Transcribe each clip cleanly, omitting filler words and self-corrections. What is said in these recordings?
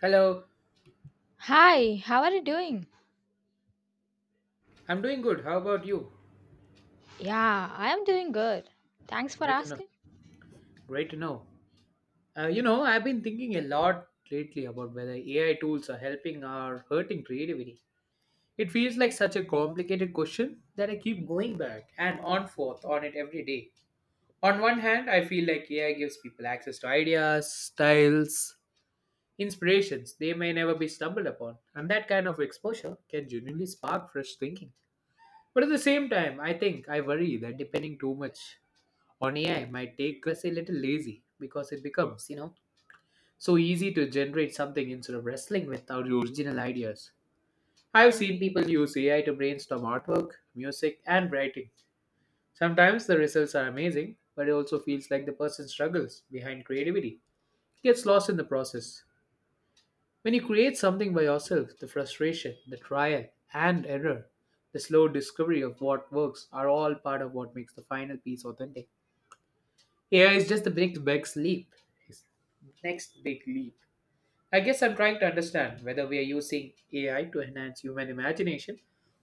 Hello, Hi, how are you doing? I'm doing good. How about you? Yeah, I am doing good. Thanks for Great enough. asking. Great to know. I've been thinking a lot lately about whether AI tools are helping or hurting creativity. It feels like such a complicated question that I keep going back and on forth on it every day. On one hand, I feel like AI gives people access to ideas, styles, inspirations they may never be stumbled upon, and that kind of exposure can genuinely spark fresh thinking. But at the same time, I think I worry that depending too much on AI might take us a little lazy because it becomes so easy to generate something instead of wrestling with our original ideas. I've seen people use AI to brainstorm artwork, music, and writing. Sometimes the results are amazing, but it also feels like the person struggles behind creativity, gets lost in the process. When you create something by yourself, the frustration, the trial and error, the slow discovery of what works are all part of what makes the final piece authentic. AI is just the next big leap. Next big leap. I guess I'm trying to understand whether we are using AI to enhance human imagination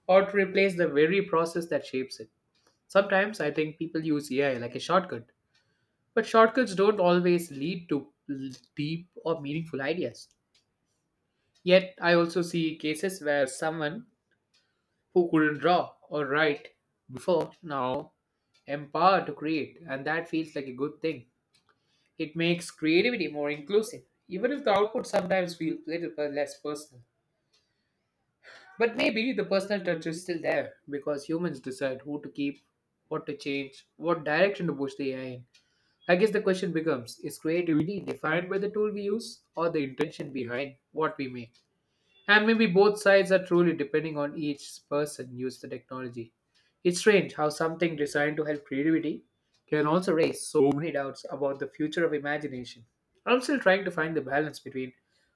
or to replace the very process that shapes it. Sometimes I think people use AI like a shortcut, but shortcuts don't always lead to deep or meaningful ideas. Yet, I also see cases where someone who couldn't draw or write before now empowered to create, and that feels like a good thing. It makes creativity more inclusive, even if the output sometimes feels little less personal. But maybe the personal touch is still there because humans decide who to keep, what to change, what direction to push the AI in. I guess the question becomes is creativity defined by the tool we use or the intention behind what we make? And maybe both sides are truly depending on each person use the technology. It's strange how something designed to help creativity can also raise so many doubts about the future of imagination. I'm still trying to find the balance between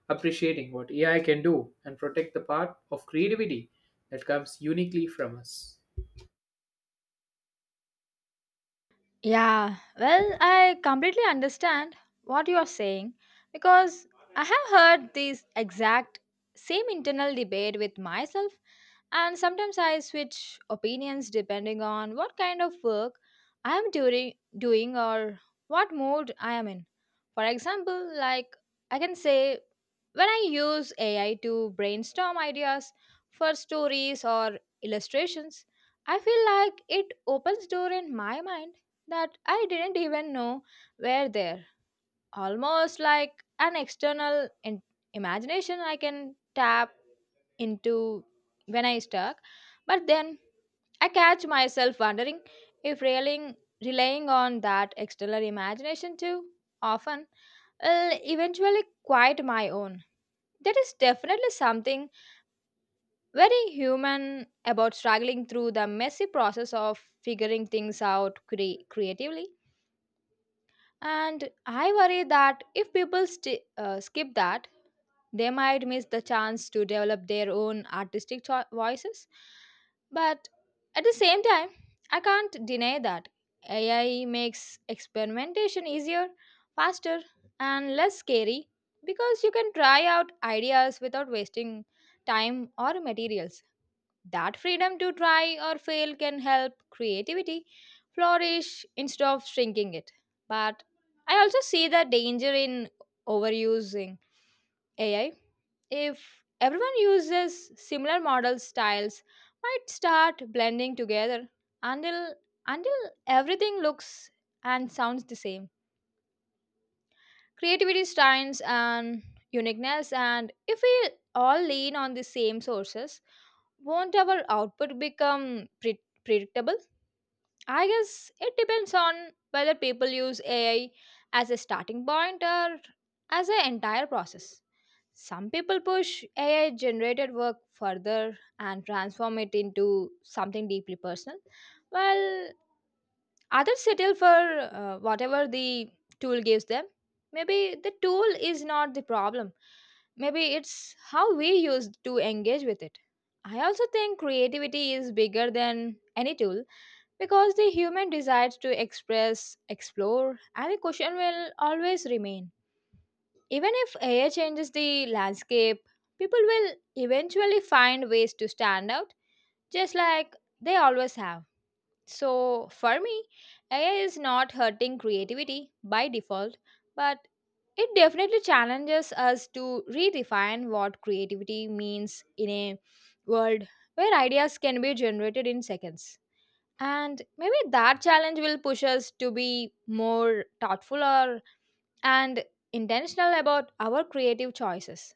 appreciating what AI can do and protect the part of creativity that comes uniquely from us. Yeah, well, I completely understand what you are saying because I have heard this exact same internal debate with myself. And sometimes I switch opinions depending on what kind of work I am doing, or what mood I am in. For example, like, I can say when I use AI to brainstorm ideas for stories or illustrations, I feel like it opens door in my mind that I didn't even know were there. Almost like an imagination I can tap into when I stuck. But then I catch myself wondering if relying on that external imagination too often will eventually quiet my own. There is definitely something very human about struggling through the messy process of figuring things out creatively. And I worry that if people sti skip that, they might miss the chance to develop their own artistic voices. But at the same time, I can't deny that AI makes experimentation easier, faster, and less scary, because you can try out ideas without wasting time or materials. That freedom to try or fail can help creativity flourish instead of shrinking it. But I also see the danger in overusing AI. If everyone uses similar model styles, might start blending together until until everything looks and sounds the same. Creativity styles and uniqueness, and if we all lean on the same sources, won't our output become predictable? I guess it depends on whether people use AI as a starting point or as an entire process. Some people push AI generated work further and transform it into something deeply personal, while others settle for whatever the tool gives them. Maybe the tool is not the problem, maybe it's how we use to engage with it. I also think creativity is bigger than any tool, because the human desire to express, explore, and the question will always remain. Even if AI changes the landscape, people will eventually find ways to stand out, just like they always have. So, for me, AI is not hurting creativity by default, but it definitely challenges us to redefine what creativity means in a world where ideas can be generated in seconds. And maybe that challenge will push us to be more thoughtful or and intentional about our creative choices.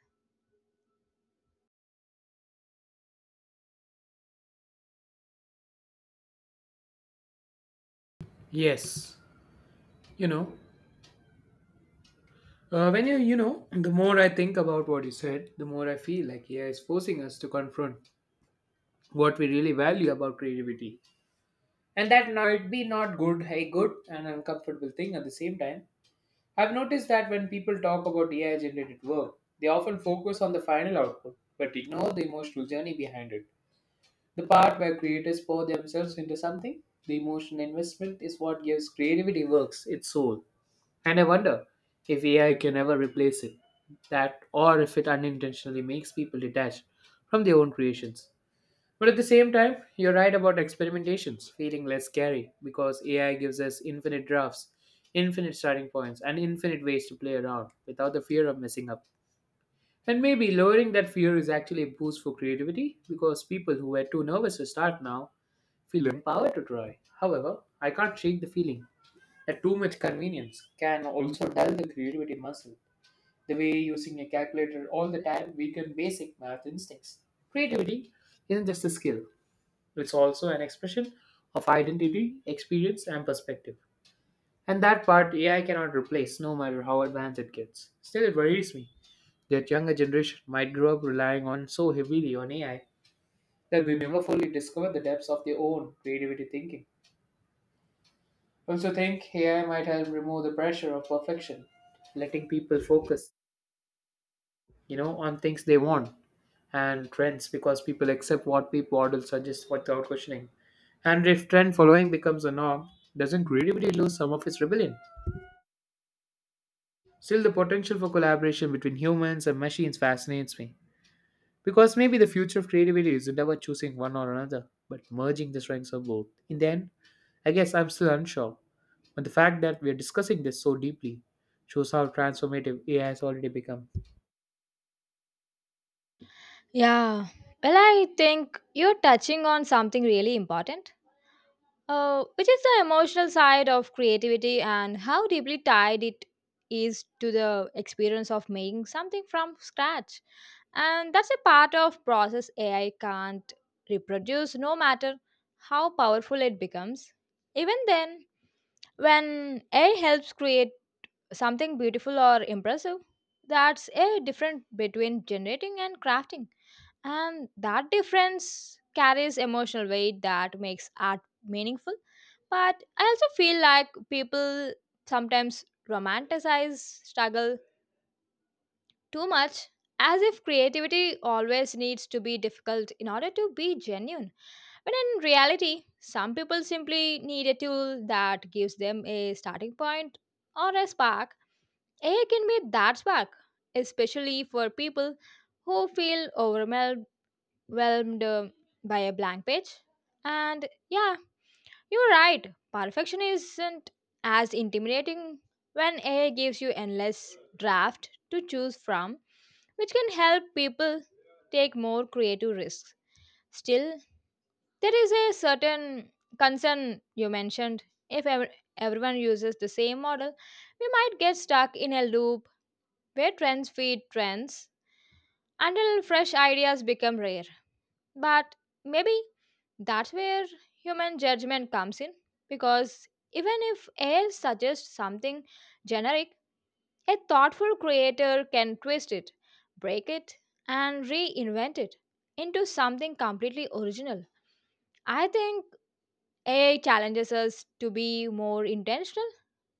Yes, you know, when you know, the more I think about what you said, the more I feel like AI is forcing us to confront what we really value about creativity. And that might be not good, a good and uncomfortable thing at the same time. I've noticed that when people talk about AI generated work, they often focus on the final output, but ignore the emotional journey behind it. The part where creators pour themselves into something, the emotional investment is what gives creativity works its soul. And I wonder if AI can ever replace it, that or if it unintentionally makes people detached from their own creations. But at the same time, you're right about experimentations feeling less scary because AI gives us infinite drafts, infinite starting points, and infinite ways to play around without the fear of messing up. And maybe lowering that fear is actually a boost for creativity because people who were too nervous to start now feel empowered to try. However, I can't shake the feeling that too much convenience can also dull the creativity muscle, the way using a calculator all the time weaken basic math instincts. Creativity isn't just a skill, it's also an expression of identity, experience, and perspective. And that part AI cannot replace, no matter how advanced it gets. Still, it worries me that younger generation might grow up relying on so heavily on AI that we never fully discover the depths of their own creativity thinking. I also think AI might help remove the pressure of perfection, letting people focus, on things they want and trends because people accept what people model suggest without questioning. And if trend following becomes a norm, doesn't creativity lose some of its rebellion? Still, the potential for collaboration between humans and machines fascinates me. Because maybe the future of creativity isn't about choosing one or another, but merging the strengths of both. In the end, I guess I'm still unsure. But the fact that we're discussing this so deeply shows how transformative AI has already become. Yeah. Well, I think you're touching on something really important, which is the emotional side of creativity and how deeply tied it is to the experience of making something from scratch. And that's a part of process AI can't reproduce, no matter how powerful it becomes. Even then, when AI helps create something beautiful or impressive, that's a difference between generating and crafting. And that difference carries emotional weight that makes art meaningful. But I also feel like people sometimes romanticize struggle too much, as if creativity always needs to be difficult in order to be genuine. But in reality, some people simply need a tool that gives them a starting point or a spark. AI can be that spark, especially for people who feel overwhelmed uh, by a blank page. And yeah, you're right. Perfection isn't as intimidating when AI gives you endless draft to choose from, which can help people take more creative risks. Still, there is a certain concern you mentioned. If ever, everyone uses the same model, we might get stuck in a loop where trends feed trends until fresh ideas become rare. But maybe that's where human judgment comes in, because even if AI suggests something generic, a thoughtful creator can twist it, break it, and reinvent it into something completely original. I think AI challenges us to be more intentional,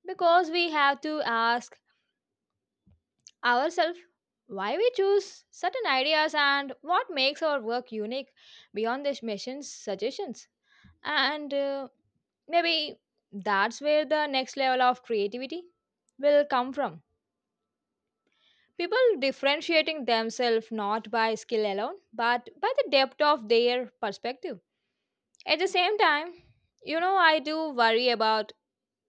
because we have to ask ourselves why we choose certain ideas and what makes our work unique beyond the machines' suggestions. And maybe that's where the next level of creativity will come from. People differentiating themselves not by skill alone, but by the depth of their perspective. At the same time, you know, I do worry about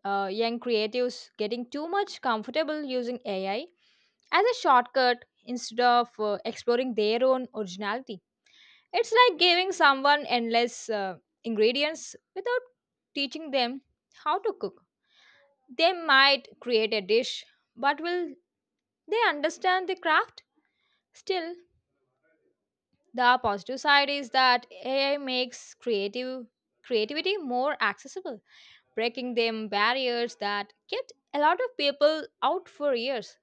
young creatives getting too much comfortable using AI as a shortcut instead of exploring their own originality. It's like giving someone endless ingredients without teaching them how to cook. They might create a dish, but will they understand the craft? Still, the positive side is that AI makes creative creativity more accessible, breaking them barriers that kept a lot of people out for years.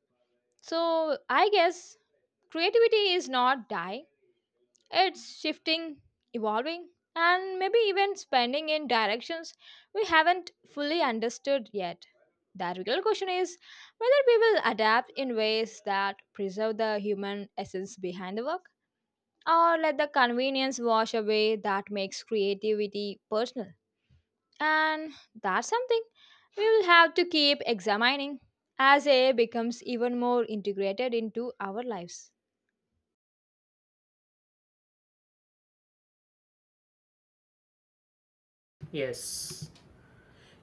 So I guess creativity is not die, it's shifting, evolving, and maybe even spending in directions we haven't fully understood yet. The real question is whether we will adapt in ways that preserve the human essence behind the work, or let the convenience wash away that makes creativity personal. And that's something we will have to keep examining as AI becomes even more integrated into our lives. Yes.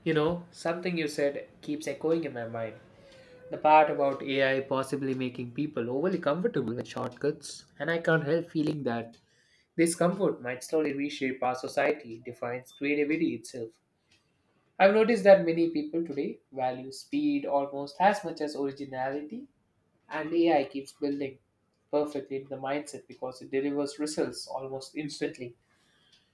You know, something you said keeps echoing in my mind. The part about AI possibly making people overly comfortable with shortcuts, and I can't help feeling that this comfort might slowly reshape our society, defines creativity itself. I've noticed that many people today value speed almost as much as originality, and AI keeps building perfectly into the mindset because it delivers results almost instantly,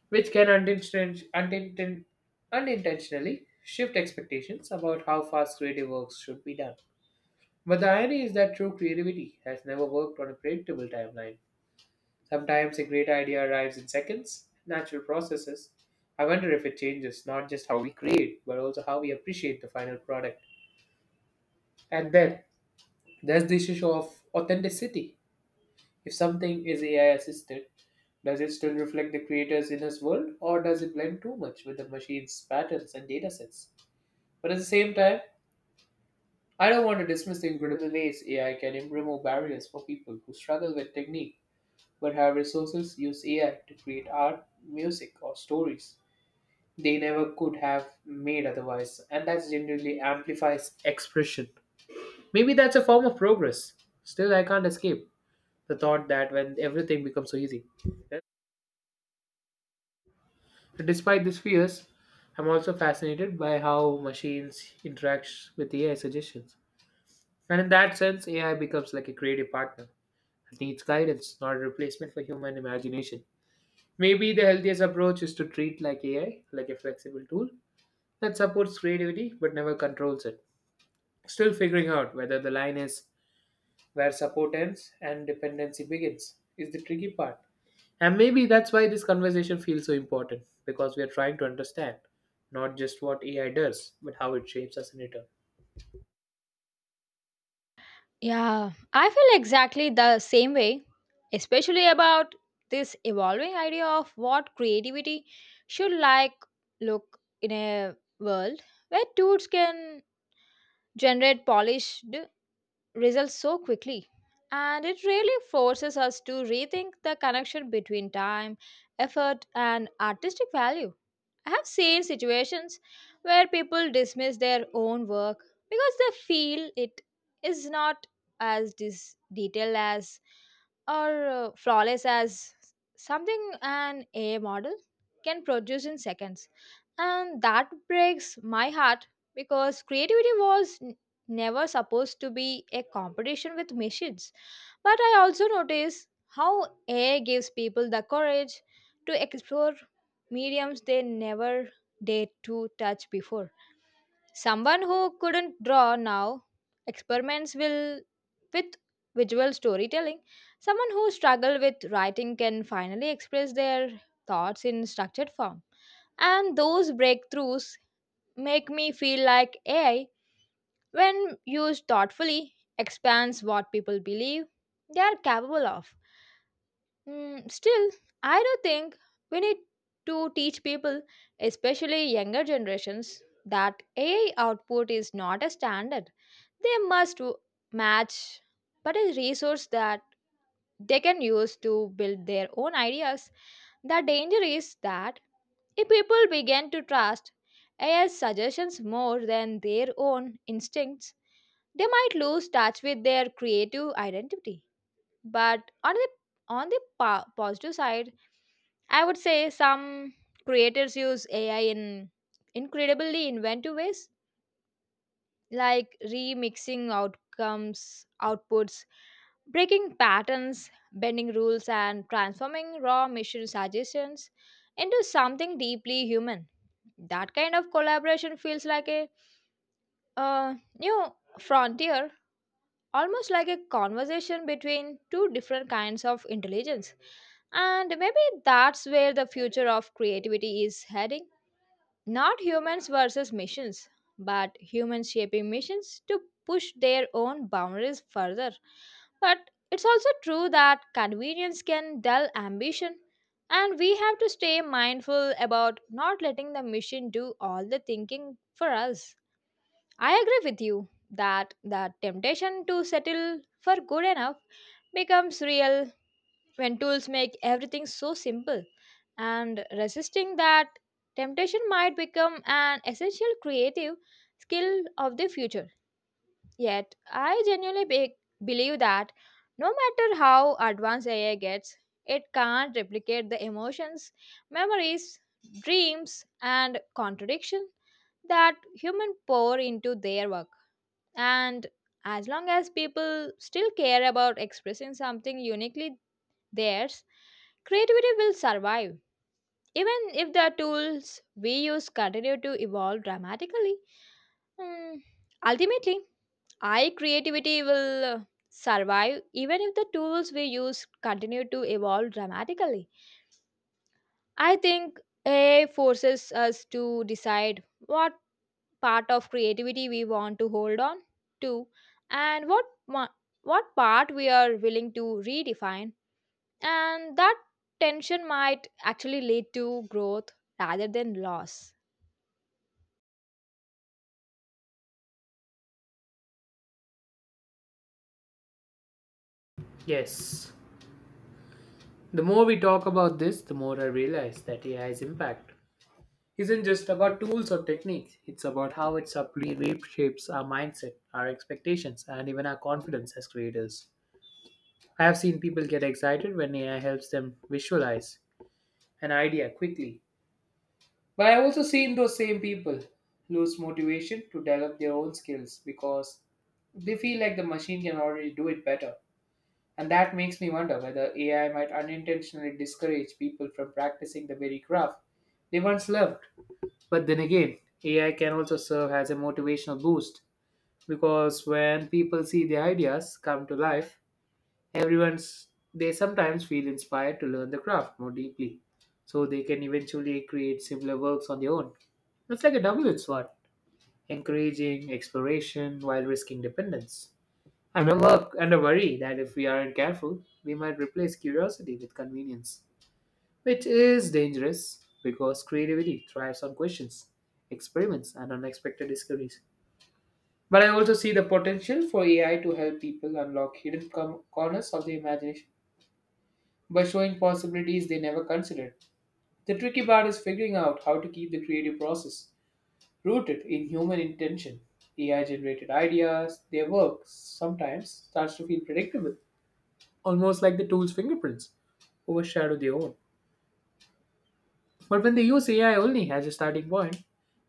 which can unintentionally shift expectations about how fast creative works should be done. But the irony is that true creativity has never worked on a predictable timeline. Sometimes a great idea arrives in seconds, natural processes. I wonder if it changes not just how we create, but also how we appreciate the final product. And then there's this issue of authenticity. If something is AI assisted, does it still reflect the creator's inner world, or does it blend too much with the machine's patterns and datasets? But at the same time, I don't want to dismiss the incredible ways AI can remove barriers for people who struggle with technique but have resources use AI to create art, music, or stories they never could have made otherwise, and that genuinely amplifies expression. Maybe that's a form of progress. Still, I can't escape the thought that when everything becomes so easy. Despite these fears, I'm also fascinated by how machines interact with AI suggestions. And in that sense, AI becomes like a creative partner. It needs guidance, not a replacement for human imagination. Maybe the healthiest approach is to treat like AI, like a flexible tool that supports creativity but never controls it. Still figuring out whether the line is where support ends and dependency begins is the tricky part. And maybe that's why this conversation feels so important because we are trying to understand not just what AI does, but how it shapes us in return. Yeah, I feel exactly the same way, especially about this evolving idea of what creativity should look in a world where tools can generate polished results so quickly. And it really forces us to rethink the connection between time, effort, and artistic value. I have seen situations where people dismiss their own work because they feel it is not as detailed as, or flawless as, something an AI model can produce in seconds. And that breaks my heart, because creativity was never supposed to be a competition with machines. But I also notice how AI gives people the courage to explore mediums they never dared to touch before. Someone who couldn't draw now experiments will with visual storytelling. Someone who struggled with writing can finally express their thoughts in structured form. And those breakthroughs make me feel like AI, when used thoughtfully, expands what people believe they are capable of. Still, I do think we need to teach people, especially younger generations, that AI output is not a standard they must match, but a resource that they can use to build their own ideas. The danger is that if people began to trust AI's suggestions more than their own instincts, they might lose touch with their creative identity. But on the positive side, I would say some creators use AI in incredibly inventive ways, like remixing outcomes, outputs, breaking patterns, bending rules, and transforming raw mission suggestions into something deeply human. That kind of collaboration feels like a new frontier, almost like a conversation between two different kinds of intelligence. And maybe that's where the future of creativity is heading. Not humans versus missions, but humans shaping missions to push their own boundaries further. But it's also true that convenience can dull ambition, and we have to stay mindful about not letting the mission do all the thinking for us. I agree with you that the temptation to settle for good enough becomes real when tools make everything so simple. And resisting that temptation might become an essential creative skill of the future. Yet, I genuinely believe that no matter how advanced AI gets, it can't replicate the emotions, memories, dreams, and contradiction that human pour into their work. And as long as people still care about expressing something uniquely theirs, creativity will survive, even if the tools we use continue to evolve dramatically. Hmm, Ultimately, I creativity will survive even if the tools we use continue to evolve dramatically. I think AI forces us to decide what part of creativity we want to hold on to, and what part we are willing to redefine. And that tension might actually lead to growth rather than loss. Yes. The more we talk about this, the more I realize that AI's impact isn't just about tools or techniques. It's about how it subtly reshapes our mindset, our expectations, and even our confidence as creators. I have seen people get excited when AI helps them visualize an idea quickly. But I've also seen those same people lose motivation to develop their own skills because they feel like the machine can already do it better. And that makes me wonder whether AI might unintentionally discourage people from practicing the very craft they once loved. But then again, AI can also serve as a motivational boost because when people see their ideas come to life, everyone's they sometimes feel inspired to learn the craft more deeply. So they can eventually create similar works on their own. It's like a double-edged sword, encouraging exploration while risking dependence. And a work and a worry that if we aren't careful, we might replace curiosity with convenience. Which is dangerous because creativity thrives on questions, experiments, and unexpected discoveries. But I also see the potential for AI to help people unlock hidden corners of the imagination by showing possibilities they never considered. The tricky part is figuring out how to keep the creative process rooted in human intention. AI generated ideas, their work sometimes starts to feel predictable, almost like the tool's fingerprints overshadow their own. But when they use AI only as a starting point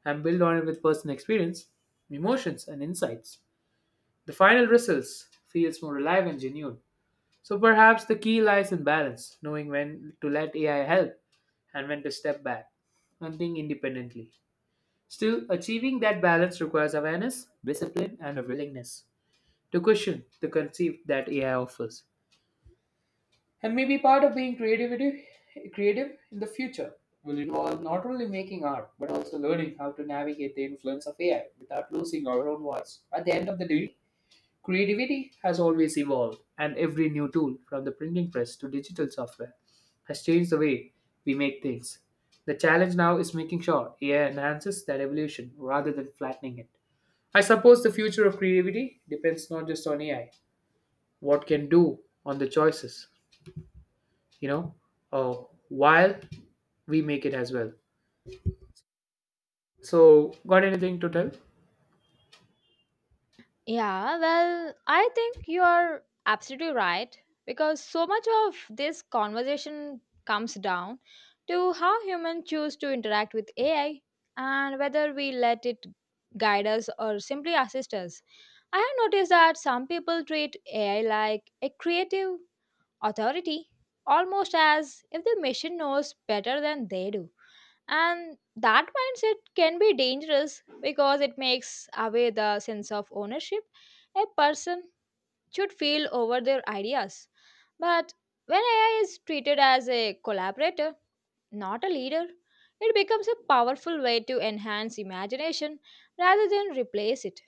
and build on it with personal experience, emotions, and insights, the final results feels more alive and genuine. So perhaps the key lies in balance, knowing when to let AI help and when to step back and think independently. Still, achieving that balance requires awareness, discipline, and a willingness to question the conceit that AI offers. And maybe part of being creative in the future will involve not only making art but also learning how to navigate the influence of AI without losing our own voice. At the end of the day, creativity has always evolved, and every new tool, from the printing press to digital software, has changed the way we make things. The challenge now is making sure AI enhances that evolution rather than flattening it. I suppose the future of creativity depends not just on AI, what can do on the you know, uh, while we make it as well. So, got anything to tell? Yeah, well, I think you're absolutely right, because so much of this conversation comes down to how humans choose to interact with AI and whether we let it guide us or simply assist us. I have noticed that some people treat AI like a creative authority, almost as if the machine knows better than they do. And that mindset can be dangerous because it makes away the sense of ownership a person should feel over their ideas. But when AI is treated as a collaborator, not a leader, it becomes a powerful way to enhance imagination rather than replace it.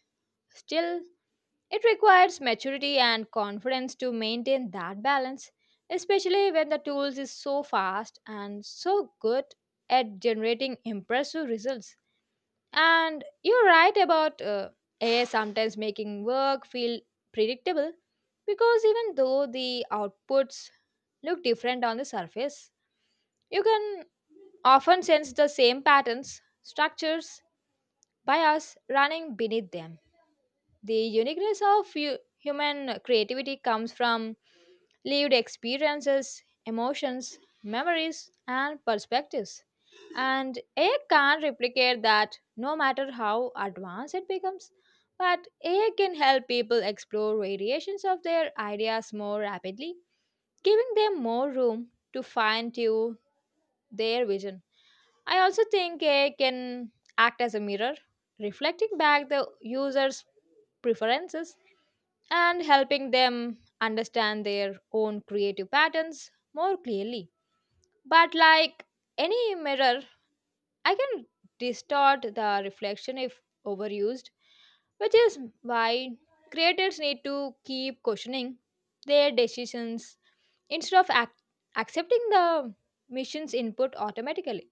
Still, it requires maturity and confidence to maintain that balance, especially when the tools is so fast and so good at generating impressive results. And you're right about AI sometimes making work feel predictable, because even though the outputs look different on the surface, you can often sense the same patterns, structures, bias running beneath them. The uniqueness of human creativity comes from lived experiences, emotions, memories, and perspectives. And AI can't replicate that no matter how advanced it becomes. But AI can help people explore variations of their ideas more rapidly, giving them more room to fine tune their vision. I also think AI can act as a mirror, reflecting back the user's preferences and helping them understand their own creative patterns more clearly. But like any mirror, I can distort the reflection if overused, which is why creators need to keep questioning their decisions instead of accepting the mission's input automatically.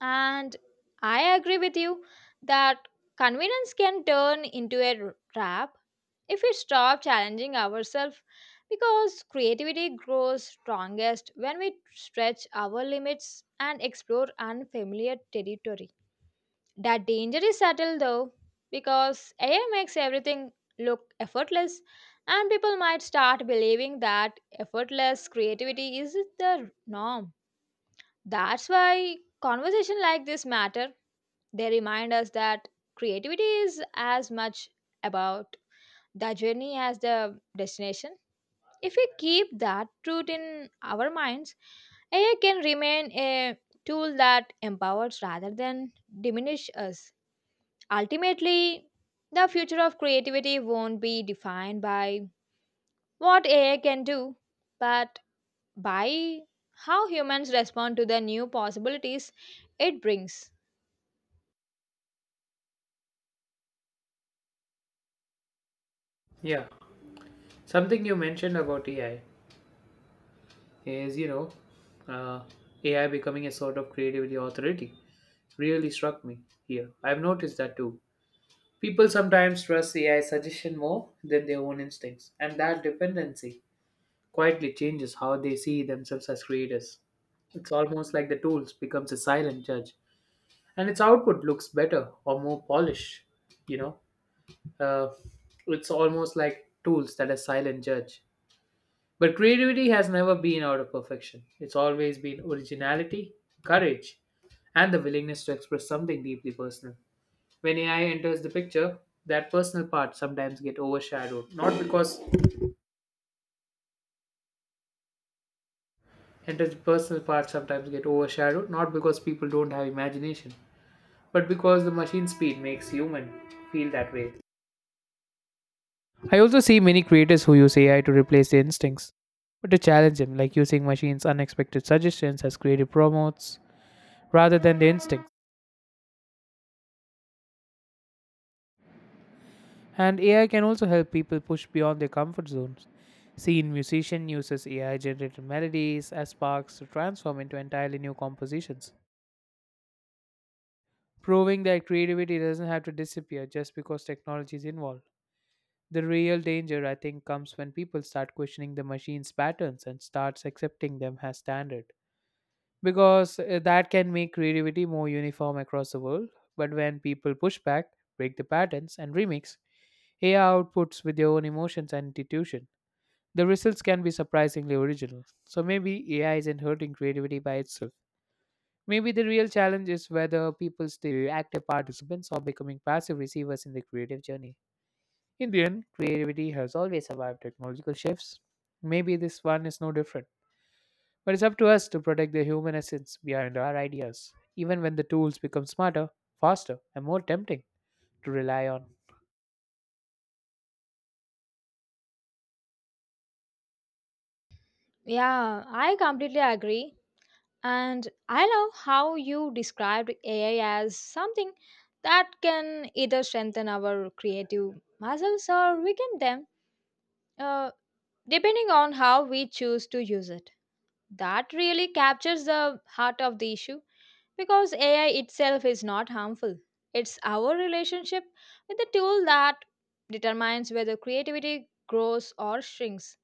And I agree with you that convenience can turn into a trap if we stop challenging ourselves, because creativity grows strongest when we stretch our limits and explore unfamiliar territory. That danger is subtle though, because AI makes everything look effortless and people might start believing that effortless creativity is the norm. That's why conversation like this matter. They remind us that creativity is as much about the journey as the destination. If we keep that truth in our minds, AI can remain a tool that empowers rather than diminish us. Ultimately, the future of creativity won't be defined by what AI can do, but by how humans respond to the new possibilities it brings. Yeah, something you mentioned about AI is, you know, uh, AI becoming a sort of creativity authority really struck me here. I've noticed that too. People sometimes trust AI suggestion more than their own instincts, and that dependency quietly changes how they see themselves as creators. It's almost like the tools becomes a silent judge, and its output looks better or more polished, you know. Uh, it's almost like tools that a silent judge. But creativity has never been out of perfection. It's always been originality, courage, and the willingness to express something deeply personal. When AI enters the picture, that personal part sometimes get overshadowed. Not because enters the personal part sometimes get overshadowed, not because people don't have imagination, but because the machine speed makes human feel that way. I also see many creators who use AI to replace their instincts, but to challenge them, like using machines' unexpected suggestions as creative promotes rather than their instincts. And AI can also help people push beyond their comfort zones. Seen musician uses AI generated melodies as sparks to transform into entirely new compositions, proving that creativity doesn't have to disappear just because technology is involved. The real danger, I think, comes when people start questioning the machine's patterns and starts accepting them as standard. Because that can make creativity more uniform across the world. But when people push back, break the patterns, and remix AI outputs with their own emotions and intuition, the results can be surprisingly original. So maybe AI isn't hurting creativity by itself. Maybe the real challenge is whether people stay active participants or becoming passive receivers in the creative journey. In the end, creativity has always survived technological shifts. Maybe this one is no different. But it's up to us to protect the human essence behind our ideas, even when the tools become smarter, faster, and more tempting to rely on. Yeah, I completely agree. And I love how you described AI as something that can either strengthen our creative muscles or weaken them, uh, depending on how we choose to use it. That really captures the heart of the issue, because AI itself is not harmful. It's our relationship with the tool that determines whether creativity grows or shrinks.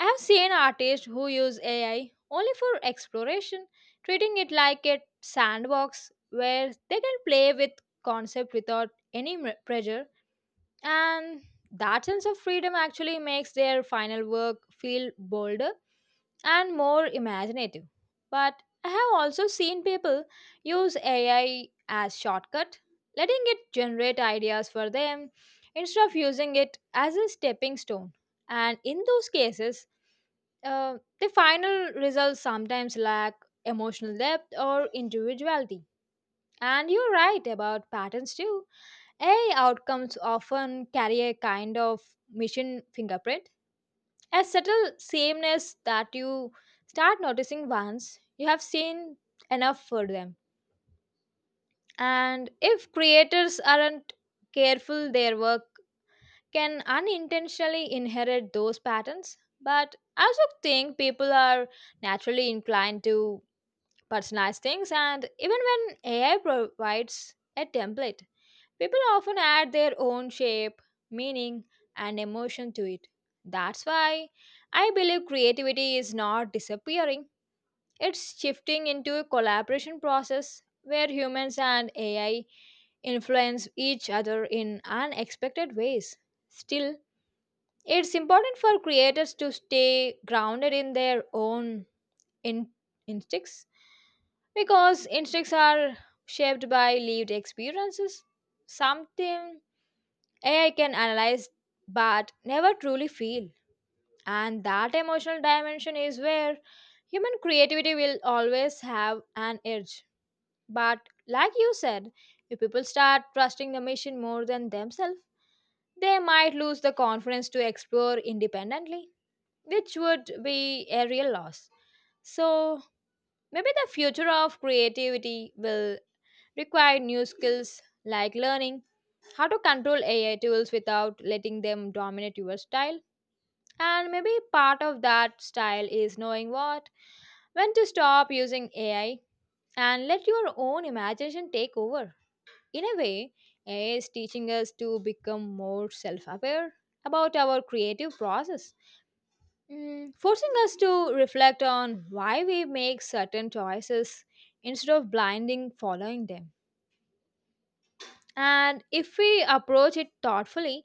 I have seen artists who use AI only for exploration, treating it like a sandbox where they can play with concept without pressure, and that sense of freedom actually makes their final work feel bolder and more imaginative. But I have also seen people use AI as shortcut, letting it generate ideas for them instead of using it as a stepping stone. And in those cases, the final results sometimes lack emotional depth or individuality. And you're right about patterns too. AI outcomes often carry a kind of mission fingerprint, a subtle sameness that you start noticing once you have seen enough for them. And if creators aren't careful, their work can unintentionally inherit those patterns. But I also think people are naturally inclined to personalize things, and even when AI provides a template, people often add their own shape, meaning, and emotion to it. That's why I believe creativity is not disappearing, it's shifting into a collaboration process where humans and AI influence each other in unexpected ways. Still, it's important for creators to stay grounded in their own in- instincts, because instincts are shaped by lived experiences. Something AI can analyze but never truly feel. And that emotional dimension is where human creativity will always have an edge. But like you said, if people start trusting the machine more than themselves, they might lose the confidence to explore independently, which would be a real loss. So maybe the future of creativity will require new skills, like learning how to control AI tools without letting them dominate your style. And maybe part of that style is knowing what, when to stop using AI and let your own imagination take over. In a way, AI is teaching us to become more self aware about our creative process, forcing us to reflect on why we make certain choices instead of blinding following them. And if we approach it thoughtfully,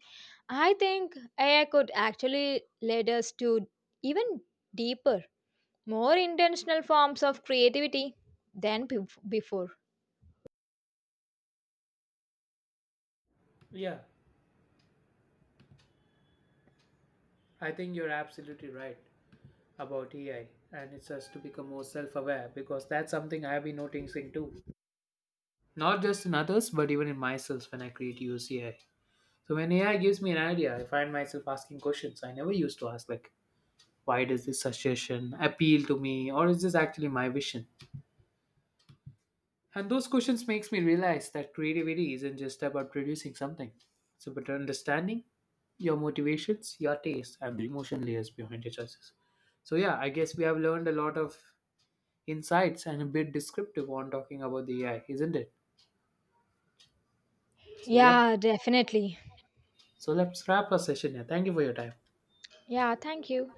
I think AI could actually lead us to even deeper, more intentional forms of creativity than before. Yeah, I think you're absolutely right about AI, and it's us to become more self aware because that's something I've been noticing too. Not just in others, but even in myself when I create use AI. So when AI gives me an idea, I find myself asking questions I never used to ask, like, why does this suggestion appeal to me, or is this actually my vision? And those questions makes me realize that creativity isn't just about producing something. It's about understanding your motivations, your taste, and the emotion layers behind your choices. So yeah, I guess we have learned a lot of insights and a bit descriptive on talking about the AI, isn't it? So yep. Yeah, definitely. So let's wrap our session here. Thank you for your time. Yeah, thank you.